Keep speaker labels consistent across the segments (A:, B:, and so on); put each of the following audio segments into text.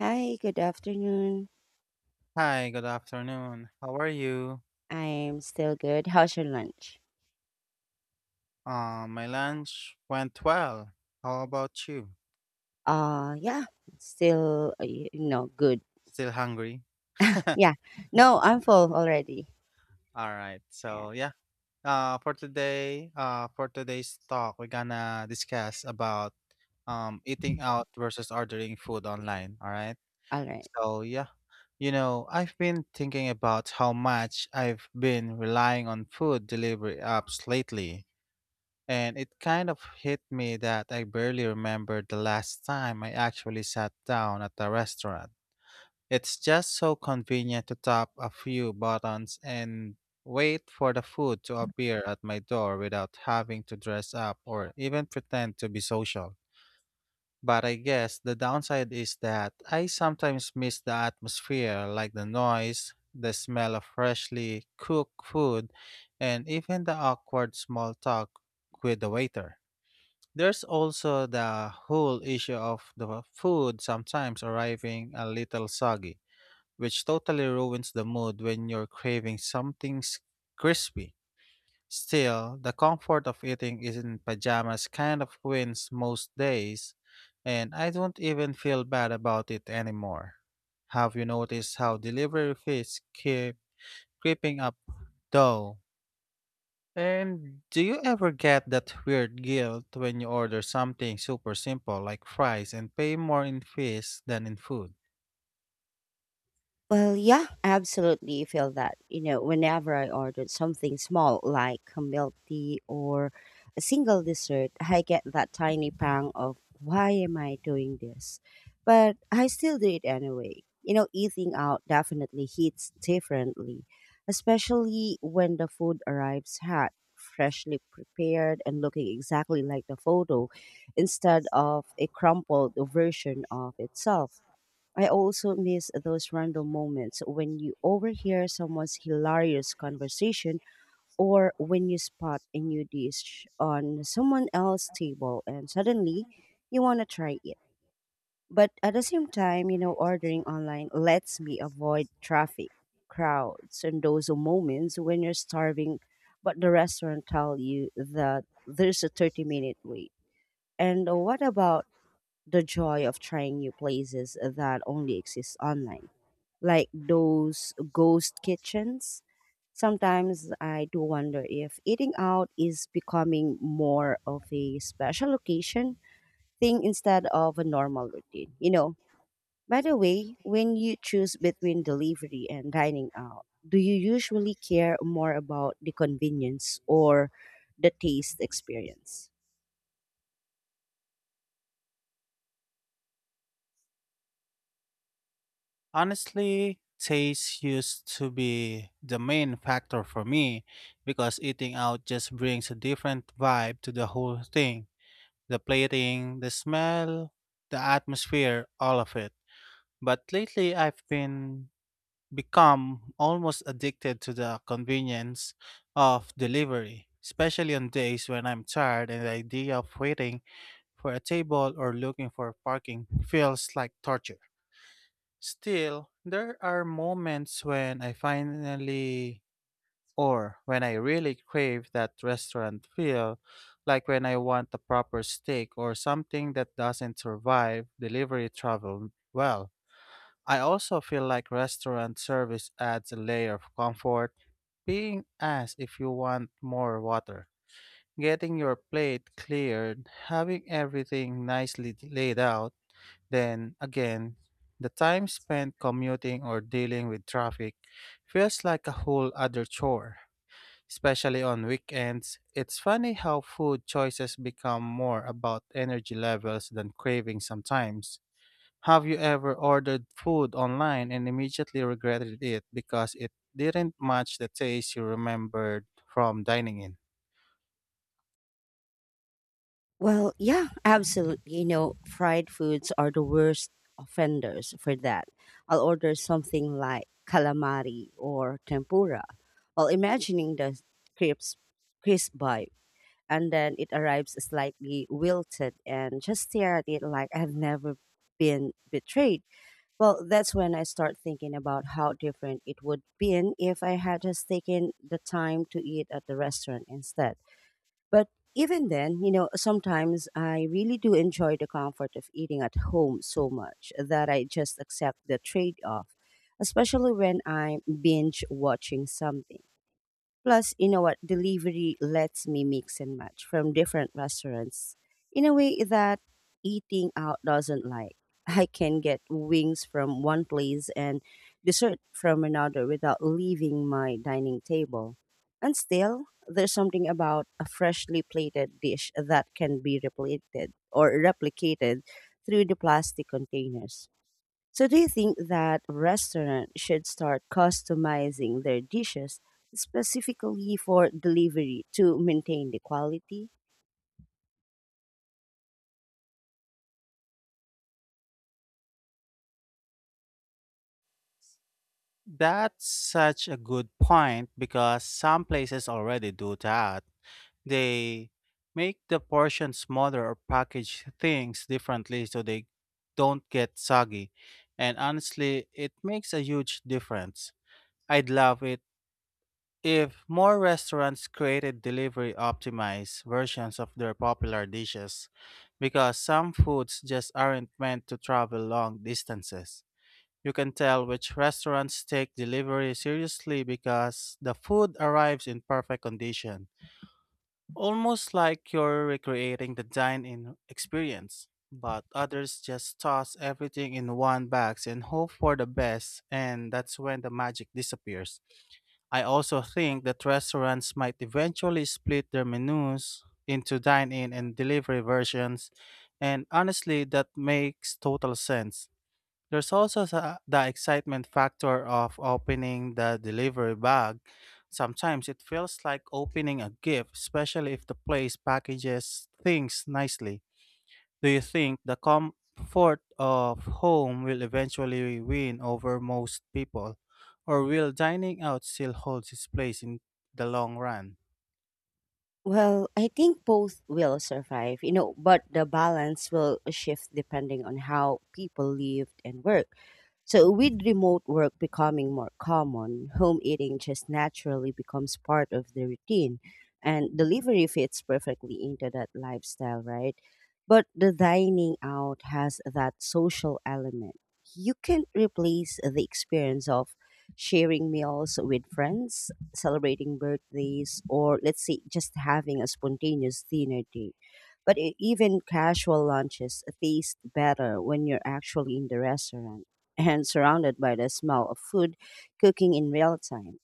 A: Hi, good afternoon.
B: Hi, good afternoon. How are you?
A: I'm still good. How's your lunch?
B: My lunch went well. How about you?
A: Yeah, still, y- you know, good.
B: Still hungry?
A: Yeah, no, I'm full already.
B: All right.
A: Yeah,
B: So yeah. For today's talk, we're gonna discuss about eating out versus ordering food online. All right.
A: all right.
B: So yeah, you know, I've been thinking about how much I've been relying on food delivery apps lately. And it kind of hit me that I barely remember the last time I actually sat down at a restaurant. It's just so convenient to tap a few buttons and wait for the food to appear at my door without having to dress up or even pretend to be social. But I guess the downside is that I sometimes miss the atmosphere, like the noise, the smell of freshly cooked food, and even the awkward small talk with the waiter. There's also the whole issue of the food sometimes arriving a little soggy, which totally ruins the mood when you're craving crispy. Still, the comfort of eating is in pajamas kind of wins most days, and I don't even feel bad about it anymore. Have you noticed how delivery fees keep creeping up though? And do you ever get that weird guilt when you order something super simple like fries and pay more in fees than in food?
A: Well, yeah, I absolutely feel that. You know, whenever I ordered something small like a milk tea or a single dessert, I get that tiny pang of why am I doing this? But I still do it anyway. You know, eating out definitely hits differently, especially when the food arrives hot, freshly prepared, and looking exactly like the photo instead of a crumpled version of itself. I also miss those random moments when you overhear someone's hilarious conversation or when you spot a new dish on someone else's table and suddenly you want to try it. But at the same time, you know, ordering online lets me avoid traffic, crowds, and those moments when you're starving, but the restaurant tell you that there's a 30-minute wait. And what about the joy of trying new places that only exist online, like those ghost kitchens. Sometimes I do wonder if eating out is becoming more of a special occasion thing instead of a normal routine. You know, by the way, when you choose between delivery and dining out, do you usually care more about the convenience or the taste experience?
B: Honestly, taste used to be the main factor for me because eating out just brings a different vibe to the whole thing. The plating, the smell, the atmosphere, all of it. But lately I've been become almost addicted to the convenience of delivery, especially on days when I'm tired and the idea of waiting for a table or looking for parking feels like torture. Still, there are moments when I finally or when I really crave that restaurant feel, like when I want a proper steak or something that doesn't survive delivery travel well. I also feel like restaurant service adds a layer of comfort, being asked if you want more water, getting your plate cleared, having everything nicely laid out, then again, the time spent commuting or dealing with traffic feels like a whole other chore. Especially on weekends, it's funny how food choices become more about energy levels than cravings sometimes. Have you ever ordered food online and immediately regretted it because it didn't match the taste you remembered from dining in?
A: Well, yeah, absolutely. You know, fried foods are the worst offenders for that. I'll order something like calamari or tempura while imagining the crisp, crisp bite, and then it arrives slightly wilted and just stare at it like I've never been betrayed. Well, that's when I start thinking about how different it would been if I had just taken the time to eat at the restaurant instead. But even then, you know, sometimes I really do enjoy the comfort of eating at home so much that I just accept the trade off, especially when I'm binge watching something. Plus, you know what? Delivery lets me mix and match from different restaurants in a way that eating out doesn't like. I can get wings from one place and dessert from another without leaving my dining table. And still, there's something about a freshly plated dish that can be replicated or replicated through the plastic containers. So, do you think that restaurants should start customizing their dishes specifically for delivery to maintain the quality?
B: That's such a good point because some places already do that. They make the portion smaller or package things differently so they don't get soggy. And honestly, it makes a huge difference. I'd love it if more restaurants created delivery optimized versions of their popular dishes, because some foods just aren't meant to travel long distances. You can tell which restaurants take delivery seriously because the food arrives in perfect condition, almost like you're recreating the dine in experience. But others just toss everything in one box and hope for the best, and that's when the magic disappears. I also think that restaurants might eventually split their menus into dine in and delivery versions, and honestly, that makes total sense. There's also the excitement factor of opening the delivery bag. Sometimes it feels like opening a gift, especially if the place packages things nicely. Do you think the comfort of home will eventually win over most people, or will dining out still hold its place in the long run?
A: Well, I think both will survive, you know, but the balance will shift depending on how people live and work. So, with remote work becoming more common, home eating just naturally becomes part of the routine, and delivery fits perfectly into that lifestyle, right? But the dining out has that social element. You can't replace the experience of sharing meals with friends celebrating birthdays or let's say just having a spontaneous dinner date. But even casual lunches taste better when you're actually in the restaurant and surrounded by the smell of food cooking in real time.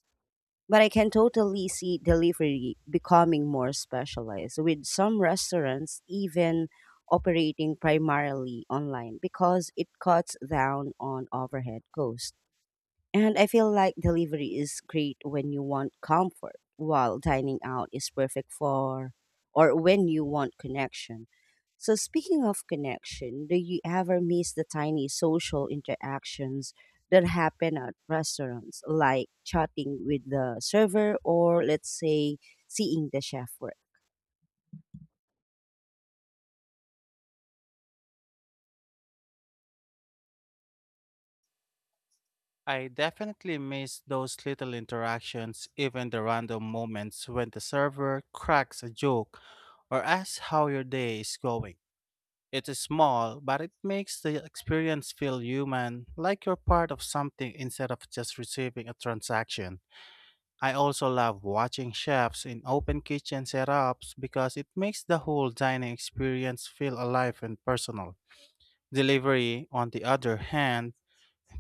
A: But I can totally see delivery becoming more specialized with some restaurants even operating primarily online because it cuts down on overhead costs. And I feel like delivery is great when you want comfort, while dining out is perfect for or when you want connection. So, speaking of connection, do you ever miss the tiny social interactions that happen at restaurants, like chatting with the server or, let's say, seeing the chef work?
B: I definitely miss those little interactions, even the random moments when the server cracks a joke or asks how your day is going. It is small, but it makes the experience feel human, like you're part of something instead of just receiving a transaction. I also love watching chefs in open kitchen setups because it makes the whole dining experience feel alive and personal. Delivery, on the other hand,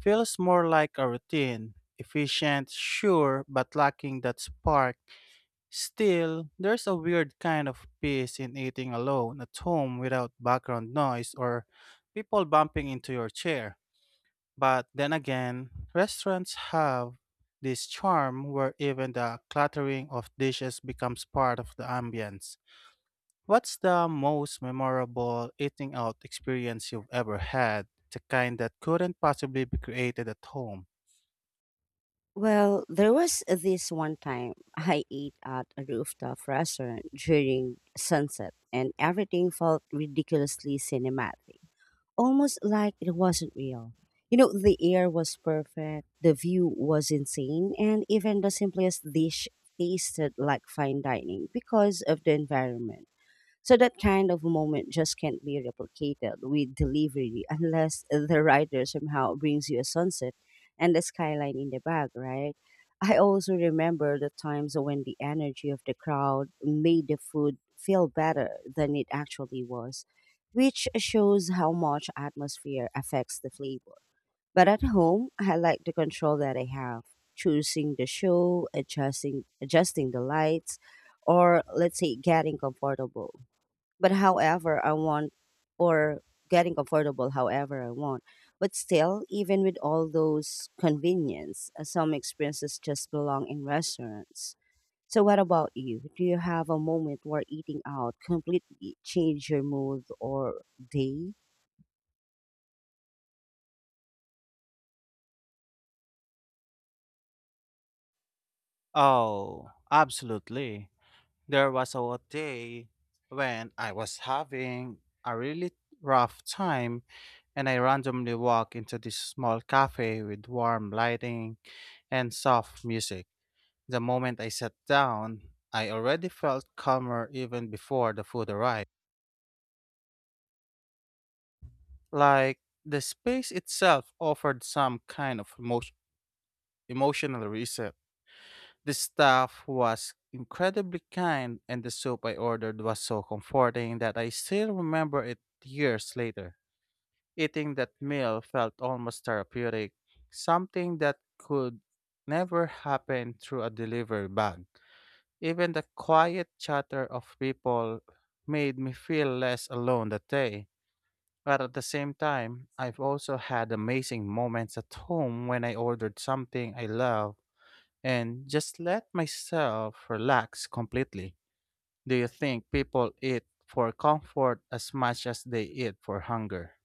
B: feels more like a routine. Efficient, sure, but lacking that spark. Still, there's a weird kind of peace in eating alone at home without background noise or people bumping into your chair. But then again, restaurants have this charm where even the clattering of dishes becomes part of the ambience. What's the most memorable eating out experience you've ever had? The kind that couldn't possibly be created at home?
A: Well, there was this one time I ate at a rooftop restaurant during sunset, and everything felt ridiculously cinematic, almost like it wasn't real. You know, the air was perfect, the view was insane, and even the simplest dish tasted like fine dining because of the environment. So that kind of moment just can't be replicated with delivery unless the writer somehow brings you a sunset and the skyline in the back, right? I also remember the times when the energy of the crowd made the food feel better than it actually was, which shows how much atmosphere affects the flavor. But at home, I like the control that I have, choosing the show, adjusting the lights, or let's say getting comfortable but however I want or getting comfortable however I want. But still, even with all those convenience, some experiences just belong in restaurants. So what about you? Do you have a moment where eating out completely changed your mood or day?
B: Oh, absolutely. There was a day when I was having a really rough time and I randomly walked into this small cafe with warm lighting and soft music. The moment I sat down, I already felt calmer even before the food arrived. Like the space itself offered some kind of emotional reset. The staff was incredibly kind, and the soup I ordered was so comforting that I still remember it years later. Eating that meal felt almost therapeutic, something that could never happen through a delivery bag. Even the quiet chatter of people made me feel less alone that day. But at the same time, I've also had amazing moments at home when I ordered something I love and just let myself relax completely. Do you think people eat for comfort as much as they eat for hunger?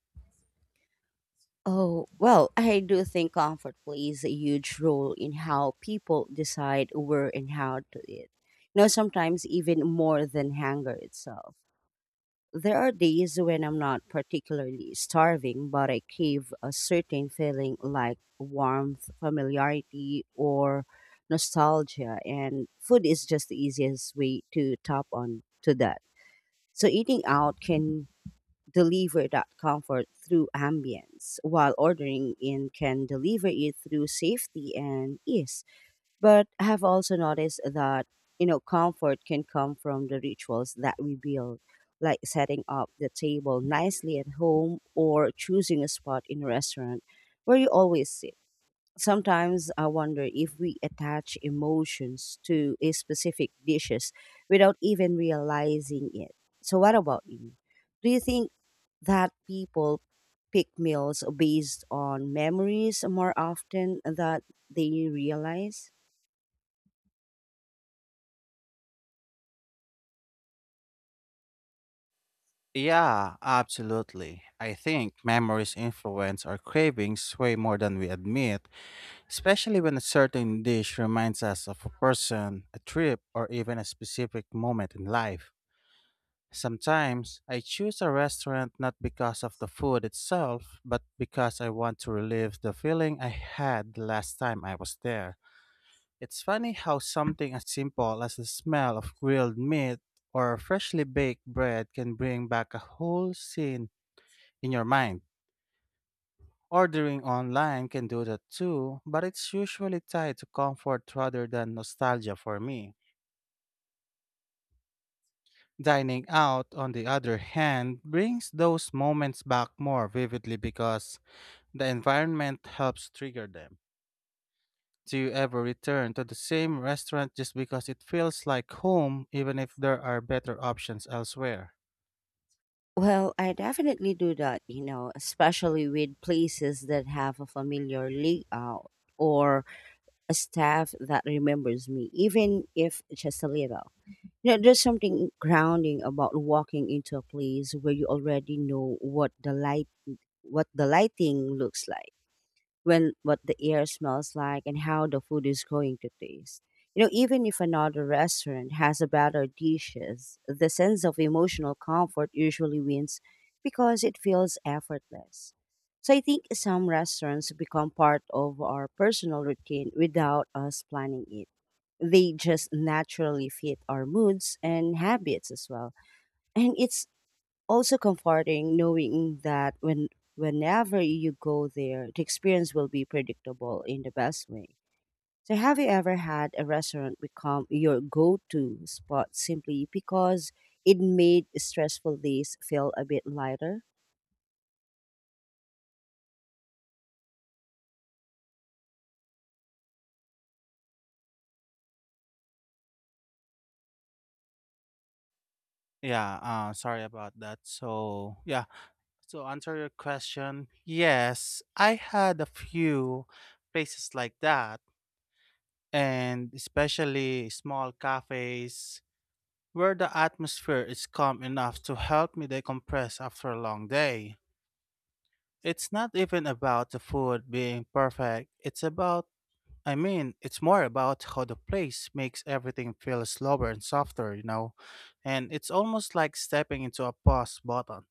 A: Oh, well, I do think comfort plays a huge role in how people decide where and how to eat. You know, sometimes even more than hunger itself. There are days when I'm not particularly starving, but I crave a certain feeling like warmth, familiarity, or nostalgia, and food is just the easiest way to tap on to that. So eating out can deliver that comfort through ambience, while ordering in can deliver it through safety and ease. But I have also noticed that, you know, comfort can come from the rituals that we build, like setting up the table nicely at home or choosing a spot in a restaurant where you always sit. Sometimes I wonder if we attach emotions to a specific dishes without even realizing it. So what about you? Do you think that people pick meals based on memories more often than they realize?
B: Yeah, absolutely. I think memories influence our cravings way more than we admit, especially when a certain dish reminds us of a person, a trip, or even a specific moment in life. Sometimes I choose a restaurant not because of the food itself, but because I want to relive the feeling I had the last time I was there. It's funny how something as simple as the smell of grilled meat or freshly baked bread can bring back a whole scene in your mind. Ordering online can do that too, but it's usually tied to comfort rather than nostalgia for me. Dining out, on the other hand, brings those moments back more vividly because the environment helps trigger them. Do you ever return to the same restaurant just because it feels like home, even if there are better options elsewhere?
A: Well, I definitely do that, you know, especially with places that have a familiar layout or a staff that remembers me, even if just a little. There's something grounding about walking into a place where you already know what the lighting looks like, when what the air smells like and how the food is going to taste. You know, even if another restaurant has a better dishes, the sense of emotional comfort usually wins because it feels effortless. So I think some restaurants become part of our personal routine without us planning it, they just naturally fit our moods and habits as well. And it's also comforting knowing that whenever you go there, the experience will be predictable in the best way. So have you ever had a restaurant become your go-to spot simply because it made stressful days feel a bit lighter?
B: Yeah, sorry about that. So, yeah, to answer your question, yes, I had a few places like that, and especially small cafes where the atmosphere is calm enough to help me decompress after a long day. It's not even about the food being perfect, it's about I mean, it's more about how the place makes everything feel slower and softer, you know? And it's almost like stepping into a pause button.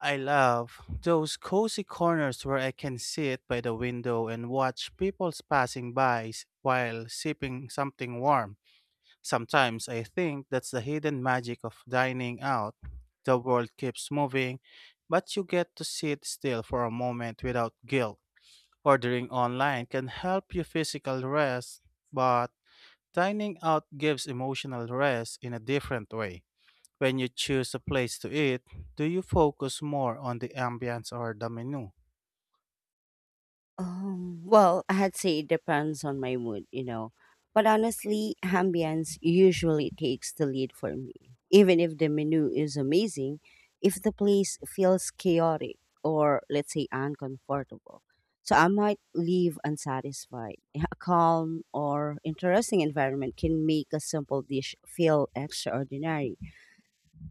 B: I love those cozy corners where I can sit by the window and watch people's passing by while sipping something warm. Sometimes I think that's the hidden magic of dining out. The world keeps moving, but you get to sit still for a moment without guilt. Ordering online can help you physical rest, but dining out gives emotional rest in a different way. When you choose a place to eat, do you focus more on the ambience or the menu?
A: Well, I'd say it depends on my mood, you know. But honestly, ambience usually takes the lead for me. Even if the menu is amazing, if the place feels chaotic or, let's say, uncomfortable, so I might leave unsatisfied. A calm or interesting environment can make a simple dish feel extraordinary.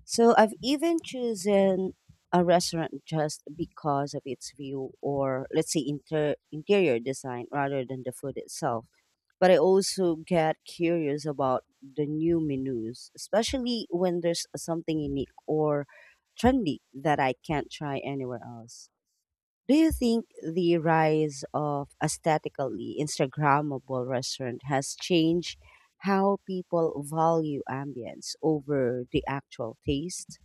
A: So I've even chosen a restaurant just because of its view or let's say interior design rather than the food itself. But I also get curious about the new menus, especially when there's something unique or trendy that I can't try anywhere else. Do you think the rise of aesthetically Instagrammable restaurant has changed how people value ambience over the actual taste?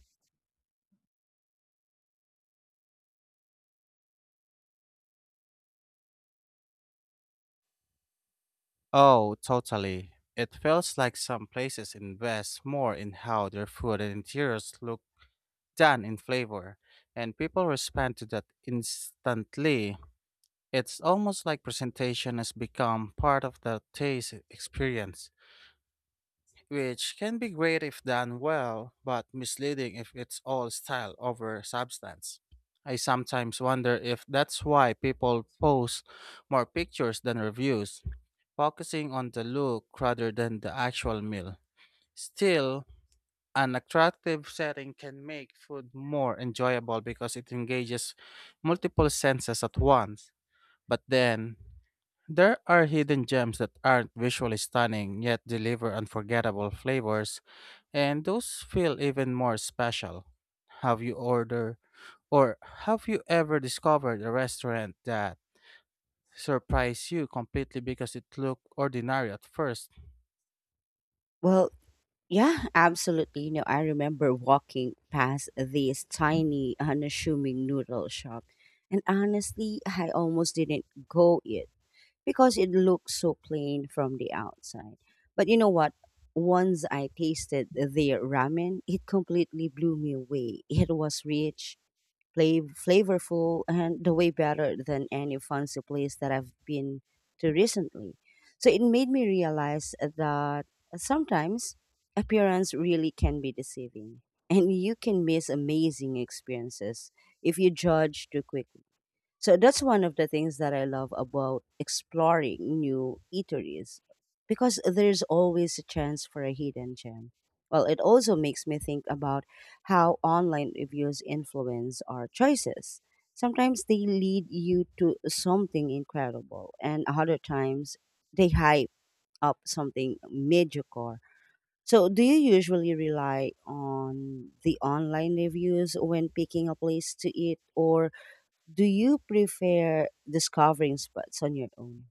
B: Oh, totally. It feels like some places invest more in how their food and interiors look than in flavor, and people respond to that instantly. It's almost like presentation has become part of the taste experience, which can be great if done well, but misleading if it's all style over substance. I sometimes wonder if that's why people post more pictures than reviews, focusing on the look rather than the actual meal. Still, an attractive setting can make food more enjoyable because it engages multiple senses at once. But then, there are hidden gems that aren't visually stunning yet deliver unforgettable flavors, and those feel even more special. Have you ordered or have you ever discovered a restaurant that surprised you completely because it looked ordinary at first?
A: Well, yeah, absolutely. You know, I remember walking past this tiny, unassuming noodle shop, and honestly, I almost didn't go it because it looked so plain from the outside. But you know what? Once I tasted their ramen, it completely blew me away. It was rich, flavorful and the way better than any fancy place that I've been to recently. So it made me realize that sometimes appearance really can be deceiving and you can miss amazing experiences if you judge too quickly. So that's one of the things that I love about exploring new eateries because there's always a chance for a hidden gem. Well, it also makes me think about how online reviews influence our choices. Sometimes they lead you to something incredible, and other times they hype up something mediocre. So, do you usually rely on the online reviews when picking a place to eat, or do you prefer discovering spots on your own?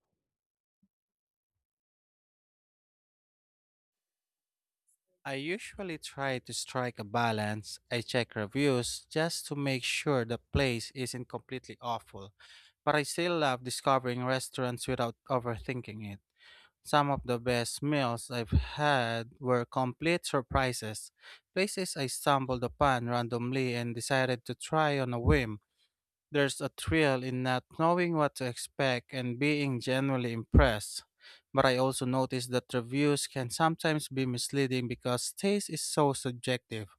B: I usually try to strike a balance. I check reviews just to make sure the place isn't completely awful, but I still love discovering restaurants without overthinking it. Some of the best meals I've had were complete surprises, places I stumbled upon randomly and decided to try on a whim. There's a thrill in not knowing what to expect and being genuinely impressed. But I also noticed that reviews can sometimes be misleading because taste is so subjective.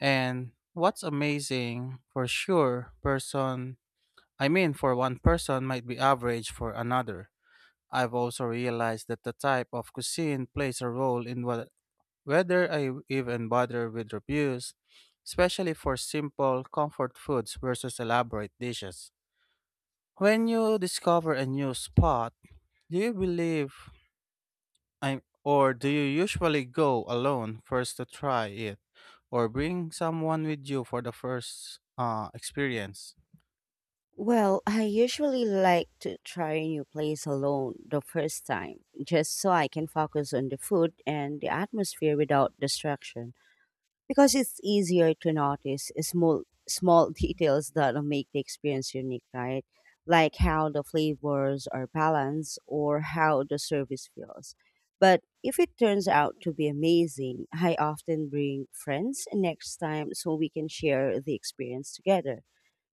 B: And what's amazing for sure person I mean, for one person might be average for another. I've also realized that the type of cuisine plays a role in what, whether I even bother with reviews, especially for simple comfort foods versus elaborate dishes. When you discover a new spot, do you believe I'm or do you usually go alone first to try it or bring someone with you for the first experience?
A: Well, I usually like to try a new place alone the first time, just so I can focus on the food and the atmosphere without distraction, because it's easier to notice small details that make the experience unique, right? Like how the flavors are balanced or how the service feels. But if it turns out to be amazing, I often bring friends next time so we can share the experience together.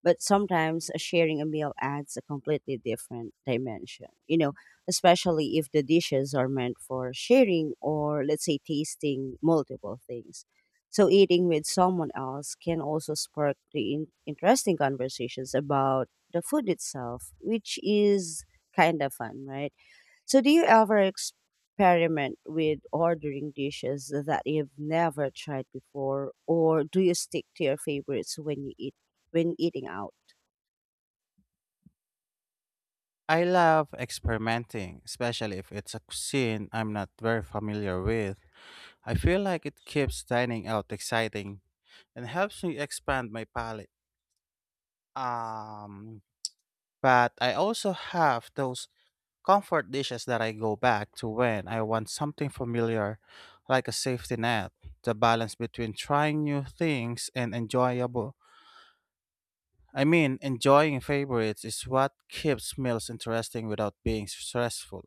A: But sometimes sharing a meal adds a completely different dimension, you know, especially if the dishes are meant for sharing or, let's say, tasting multiple things. So, eating with someone else can also spark the interesting conversations about the food itself, which is kind of fun, right? So, do you ever experiment with ordering dishes that you've never tried before, or do you stick to your favorites when eating out?
B: I love experimenting, especially if it's a cuisine I'm not very familiar with. I feel like it keeps dining out exciting and helps me expand my palate. Um, but I also have those comfort dishes that I go back to when I want something familiar, like a safety net. The balance between trying new things and enjoyable I mean, enjoying favorites is what keeps meals interesting without being stressful.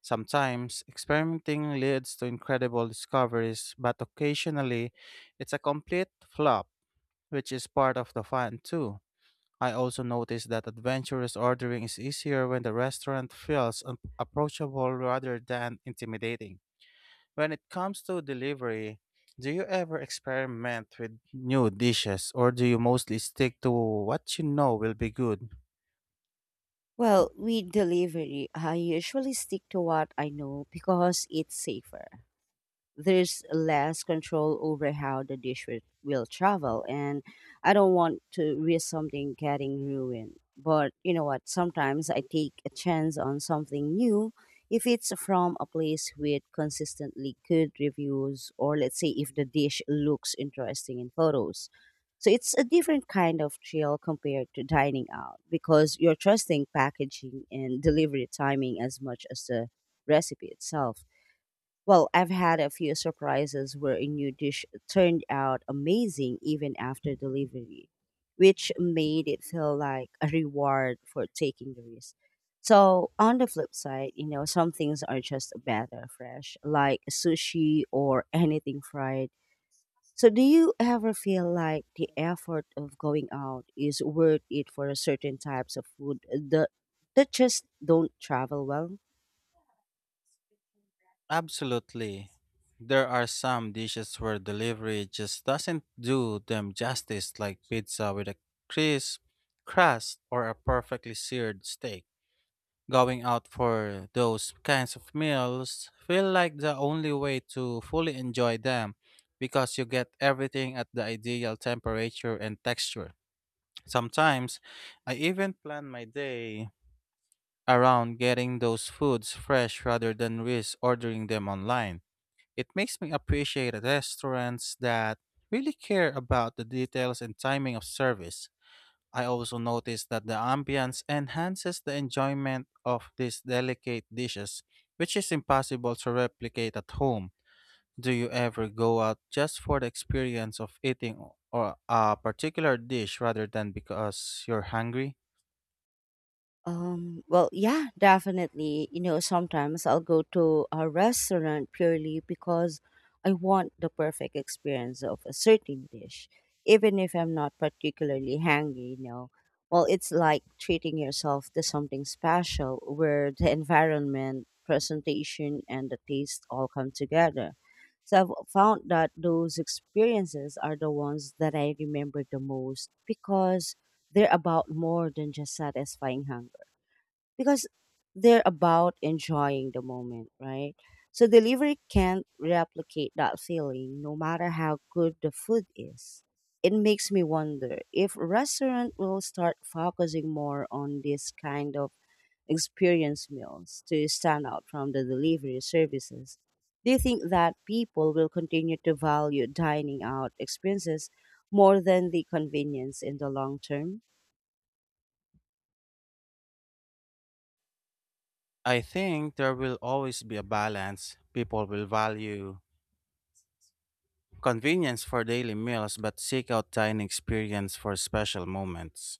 B: Sometimes, experimenting leads to incredible discoveries, but occasionally, it's a complete flop, which is part of the fun too. I also noticed that adventurous ordering is easier when the restaurant feels approachable rather than intimidating. When it comes to delivery, do you ever experiment with new dishes or do you mostly stick to what you know will be good?
A: Well, with delivery, I usually stick to what I know because it's safer. There's less control over how the dish will travel and I don't want to risk something getting ruined, but you know what, sometimes I take a chance on something new if it's from a place with consistently good reviews or let's say if the dish looks interesting in photos. So it's a different kind of thrill compared to dining out because you're trusting packaging and delivery timing as much as the recipe itself. Well, I've had a few surprises where a new dish turned out amazing even after delivery, which made it feel like a reward for taking the risk. So, on the flip side, you know, some things are just better fresh, like sushi or anything fried. So, do you ever feel like the effort of going out is worth it for certain types of that just don't travel well?
B: Absolutely. There are some dishes where delivery just doesn't do them justice, like pizza with a crisp crust or a perfectly seared steak. Going out for those kinds of meals feel like the only way to fully enjoy them because you get everything at the ideal temperature and texture. Sometimes I even plan my day around getting those foods fresh rather than risk ordering them online. It makes me appreciate restaurants that really care about the details and timing of service. I also notice that the ambience enhances the enjoyment of these delicate dishes, which is impossible to replicate at home. Do you ever go out just for the experience of eating or a particular dish rather than because you're hungry?
A: Well, yeah, definitely. You know, sometimes I'll go to a restaurant purely because I want the perfect experience of a certain dish, even if I'm not particularly hungry, you know. Well, it's like treating yourself to something special where the environment, presentation, and the taste all come together. So I've found that those experiences are the ones that I remember the most because they're about more than just satisfying hunger because they're about enjoying the moment, right? So delivery can't replicate that feeling no matter how good the food is. It makes me wonder if restaurant will start focusing more on this kind of experience meals to stand out from the delivery services. Do you think that people will continue to value dining out experiences more than the convenience in the long term?
B: I think there will always be a balance. People will value convenience for daily meals but seek out dining experience for special moments.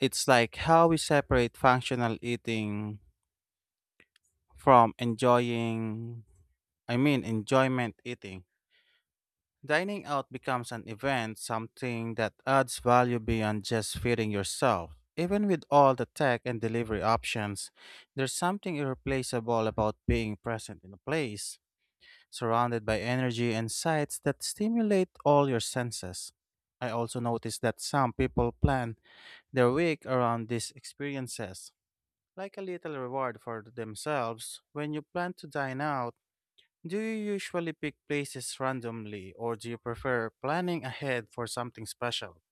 B: It's like how we separate functional eating from I mean, enjoyment eating. Dining out becomes an event, something that adds value beyond just feeding yourself. Even with all the tech and delivery options, there's something irreplaceable about being present in a place surrounded by energy and sights that stimulate all your senses. I also noticed that some people plan their week around these experiences, like a little reward for themselves. When you plan to dine out, do you usually pick places randomly or do you prefer planning ahead for something special?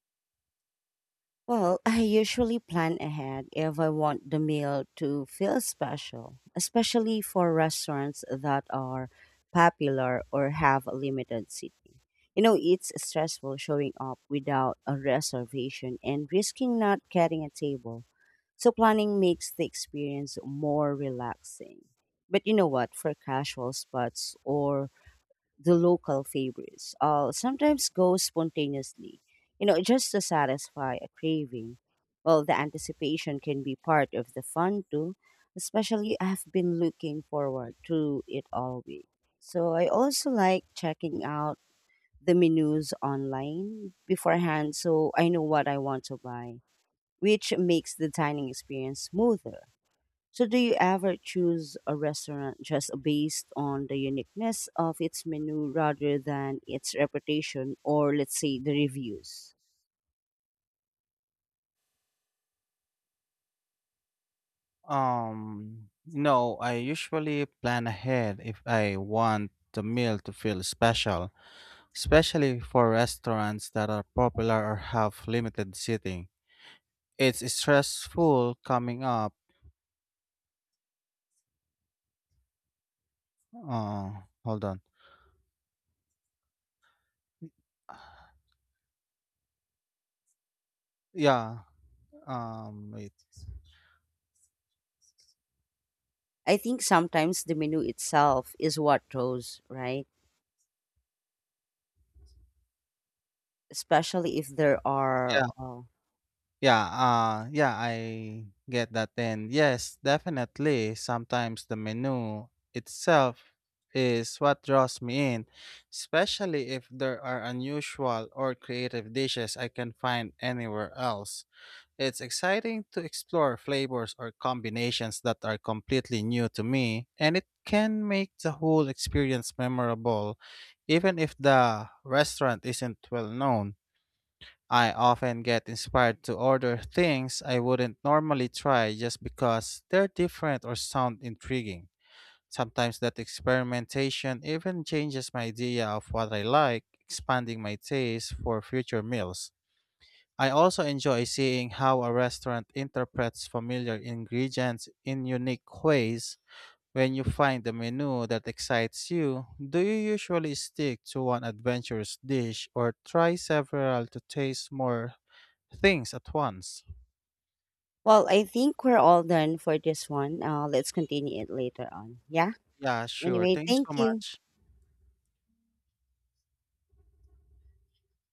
A: Well, I usually plan ahead if I want the meal to feel special, especially for restaurants that are popular or have a limited seating. You know, it's stressful showing up without a reservation and risking not getting a table. So, planning makes the experience more relaxing. But you know what? For casual spots or the local favorites, I'll sometimes go spontaneously, you know, just to satisfy a craving. Well, the anticipation can be part of the fun too, especially I've been looking forward to it all week. So I also like checking out the menus online beforehand so I know what I want to buy, which makes the dining experience smoother. So, do you ever choose a restaurant just based on the uniqueness of its menu rather than its reputation or, let's say, the reviews?
B: No, I usually plan ahead if I want the meal to feel special, especially for restaurants that are popular or have limited seating. It's stressful coming up. Hold on. Yeah. Wait.
A: I think sometimes the menu itself is what draws, right? Especially if there are.
B: Yeah. Yeah. I get that. And yes, definitely. Sometimes the menu itself is what draws me in, especially if there are unusual or creative dishes I can find anywhere else. It's exciting to explore flavors or combinations that are completely new to me, and it can make the whole experience memorable, even if the restaurant isn't well known. I often get inspired to order things I wouldn't normally try just because they're different or sound intriguing. Sometimes that experimentation even changes my idea of what I like, expanding my taste for future meals. I also enjoy seeing how a restaurant interprets familiar ingredients in unique ways. When you find a menu that excites you, do you usually stick to one adventurous dish or try several to taste more things at once?
A: Well, I think we're all done for this one. Let's continue it later on. Yeah?
B: Yeah, sure.
A: Anyway,
B: Thank you
A: thank
B: so
A: you.
B: much.